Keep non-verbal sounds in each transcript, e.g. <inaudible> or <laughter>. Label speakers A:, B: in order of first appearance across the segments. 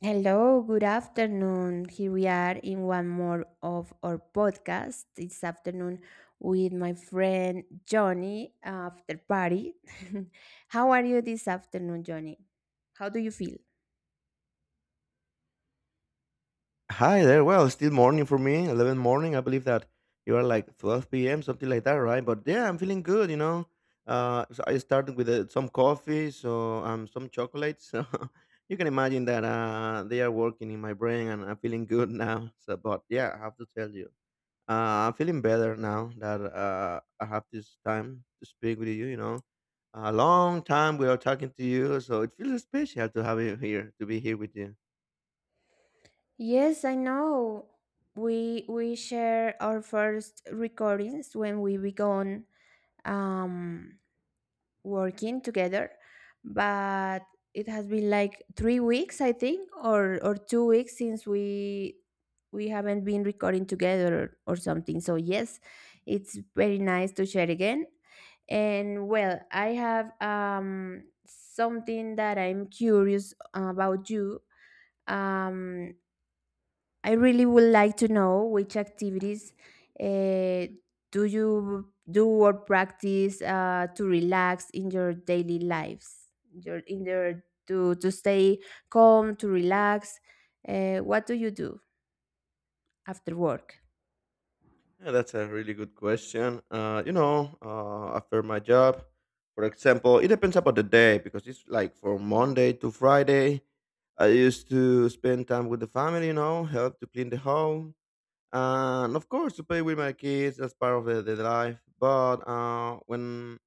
A: Hello, good afternoon. Here we are in one more of our podcast. This afternoon with my friend Johnny after party. <laughs> How are you this afternoon, Johnny? How do you feel?
B: Hi there. Well, it's still morning for me, 11 morning. I believe that you are like 12 p.m., something like that, right? But yeah, I'm feeling good, you know. So I started with some coffee, so some chocolate. So <laughs> you can imagine that they are working in my brain and I'm feeling good now. So, but yeah, I have to tell you, I'm feeling better now that I have this time to speak with you, you know. A long time we are talking to you, so it feels special to have you here, to be here with you.
A: Yes, I know. We share our first recordings when we began um working together, but it has been like 3 weeks, I think, or 2 weeks since we haven't been recording together or something. So yes, it's very nice to share again. And well, I have something that I'm curious about you. um I really would like to know which activities uh, do you do or practice to relax in your daily lives, your in your to stay calm, to relax. What do you do after work?
B: Yeah, that's a really good question. After my job, for example, it depends about the day because it's like from Monday to Friday. I used to spend time with the family, you know, help to clean the home, and of course to play with my kids. That's part of the life. But when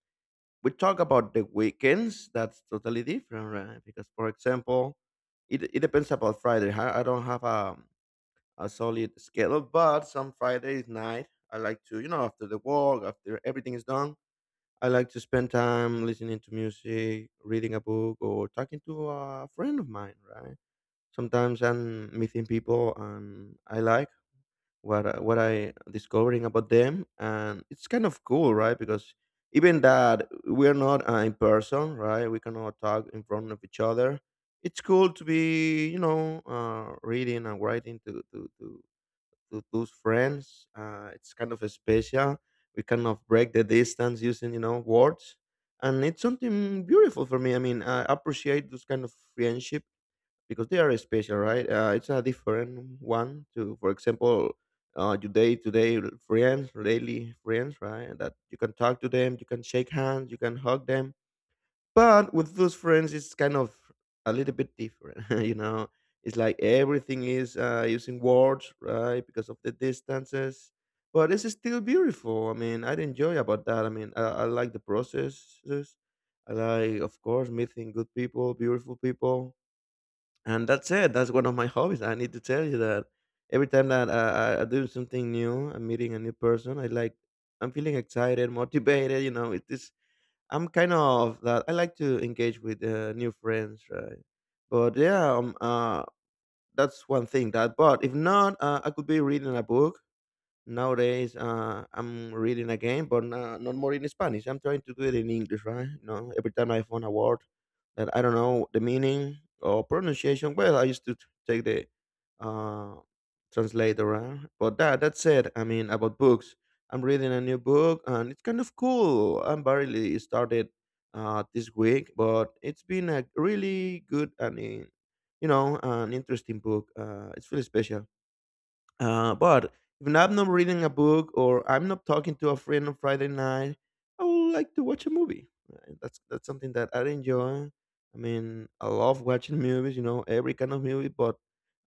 B: we talk about the weekends, that's totally different, right? Because, for example, it depends about Friday. I don't have a solid schedule. But some Fridays night, I like to, you know, after the work, after everything is done, I like to spend time listening to music, reading a book, or talking to a friend of mine. Right? Sometimes I'm meeting people, and I like what I discovering about them, and it's kind of cool, right? Because even that we're not in person, right? We cannot talk in front of each other. It's cool to be, you know, reading and writing to those friends. It's kind of special. We kind of break the distance using words, and it's something beautiful for me. I mean, I appreciate those kind of friendship because they are special, right? It's a different one to, for example, your day-to-day friends, daily friends, right? That you can talk to them, you can shake hands, you can hug them but with those friends, it's kind of a little bit different, <laughs> you know. It's like everything is using words, right, because of the distances. But it's still beautiful. I mean, I'd enjoy about that. I mean, I like the processes. I like, of course, meeting good people, beautiful people, and that's it. That's one of my hobbies. I need to tell you that every time that I do something new, I'm meeting a new person. I like, I'm feeling excited, <laughs> motivated. You know, it is I'm kind of that. I like to engage with new friends, right? But yeah, um, uh, that's one thing. That, but if not, I could be reading a book. Nowadays, I'm reading again, but not more in Spanish. I'm trying to do it in English, right? You know, every time I found a word that I don't know the meaning or pronunciation, well, I used to t- take the uh, translator, right? But that's it. I mean, about books, I'm reading a new book, and it's kind of cool. I'm barely started this week, but it's been a really good and an interesting book. It's really special. But if I'm not reading a book or I'm not talking to a friend on Friday night, I would like to watch a movie. That's something that I enjoy. I mean, I love watching movies, you know, every kind of movie, but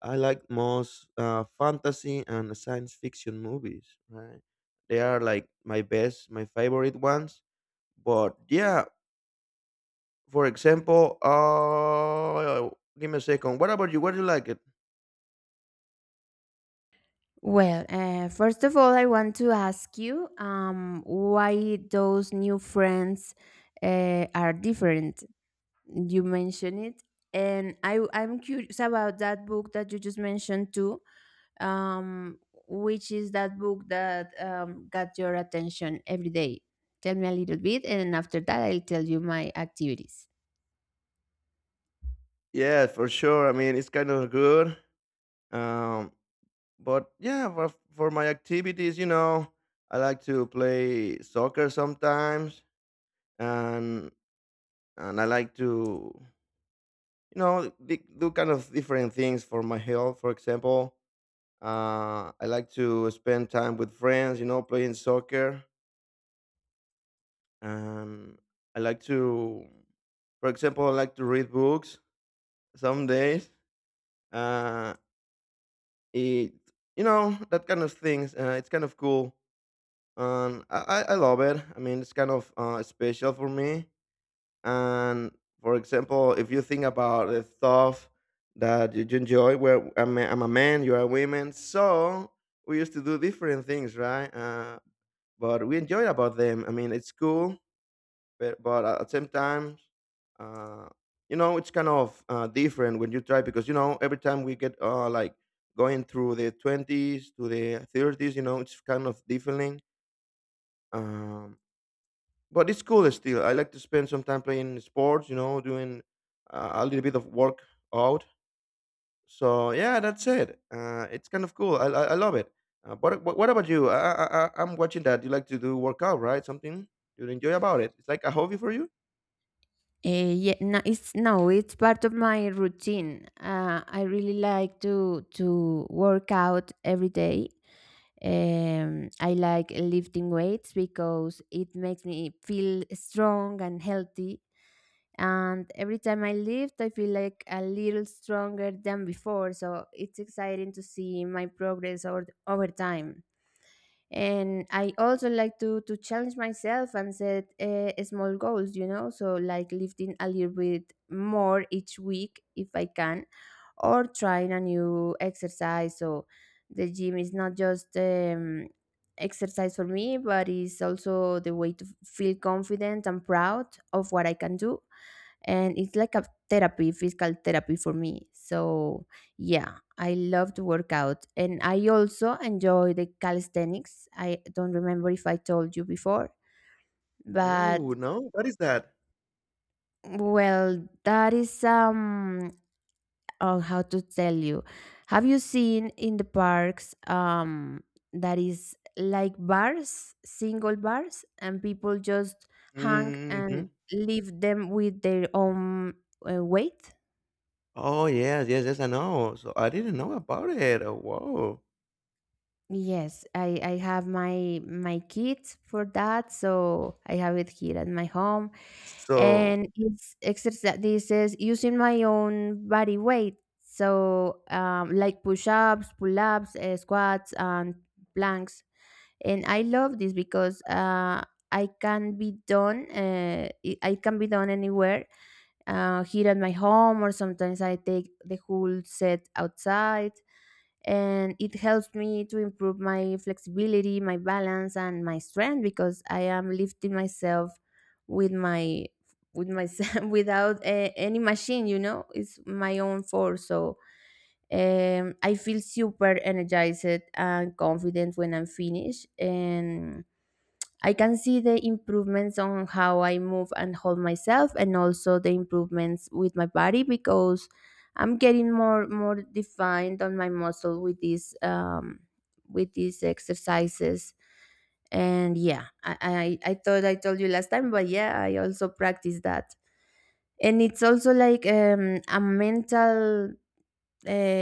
B: I like most fantasy and science fiction movies. Right? They are like my best, my favorite ones. But yeah, for example, uh, give me a second. What about you? What do you like it?
A: Well, first of all, I want to ask you, why those new friends are different. You mentioned it, and I'm curious about that book that you just mentioned too. Um, which is that book that got your attention every day? Tell me a little bit, and after that, I'll tell you my activities.
B: Yeah, for sure. I mean, it's kind of good. Um, for my activities, you know, I like to play soccer sometimes, and I like to do kind of different things for my health. For example, I like to spend time with friends, you know, playing soccer, and I like to, for example, I like to read books some days. Uh, it you know That kind of things. It's kind of cool and I love it. I mean, it's kind of special for me. And for example, if you think about the stuff that you enjoy, where I'm a man, you're a woman, so we used to do different things, right? But we enjoy about them. I mean, it's cool, but, at the same time, uh, you know, it's kind of different when you try because you know every time we get like going through the 20s to the 30s, you know, it's kind of different. Um, But it's cool still. I like to spend some time playing sports, you know, doing a little bit of work out. So yeah, that's it. It's kind of cool. I love it. What about you? I'm watching that. You like to do workout, right? Something you enjoy about it. It's like a hobby for you.
A: Yeah, no, it's no, it's part of my routine. I really like to work out every day. I like lifting weights because it makes me feel strong and healthy. And every time I lift, I feel like a little stronger than before. So it's exciting to see my progress over time. And I also like to challenge myself and set small goals, you know, so like lifting a little bit more each week if I can, or trying a new exercise. So the gym is not just exercise for me, but it's also the way to feel confident and proud of what I can do. And it's like a therapy, physical therapy for me. So yeah, I love to work out, and I also enjoy the calisthenics. I don't remember if I told you before, but
B: Whoa, no, what is that?
A: well, that is oh, how to tell you, have you seen in the parks, that is like bars, single bars, and people just hang and
B: Hmm.
A: leave them with their own weight?
B: Oh yes, yes, yes. I know. So I didn't know about it. Oh, whoa.
A: Yes, I have my kit for that, so I have it here at my home,
B: So
A: and it's exercise. This is using my own body weight, so like push ups, pull ups, squats, and planks. And I love this because I can be done. I can be done anywhere, here at my home, or sometimes I take the whole set outside. And it helps me to improve my flexibility, my balance, and my strength because I am lifting myself with my with myself <laughs> without any machine. You know, it's my own force. So I feel super energized and confident when I'm finished, and I can see the improvements on how I move and hold myself, and also the improvements with my body because I'm getting more defined on my muscle with these exercises. And yeah, I thought I told you last time, but yeah, I also practice that. And it's also like a mental uh,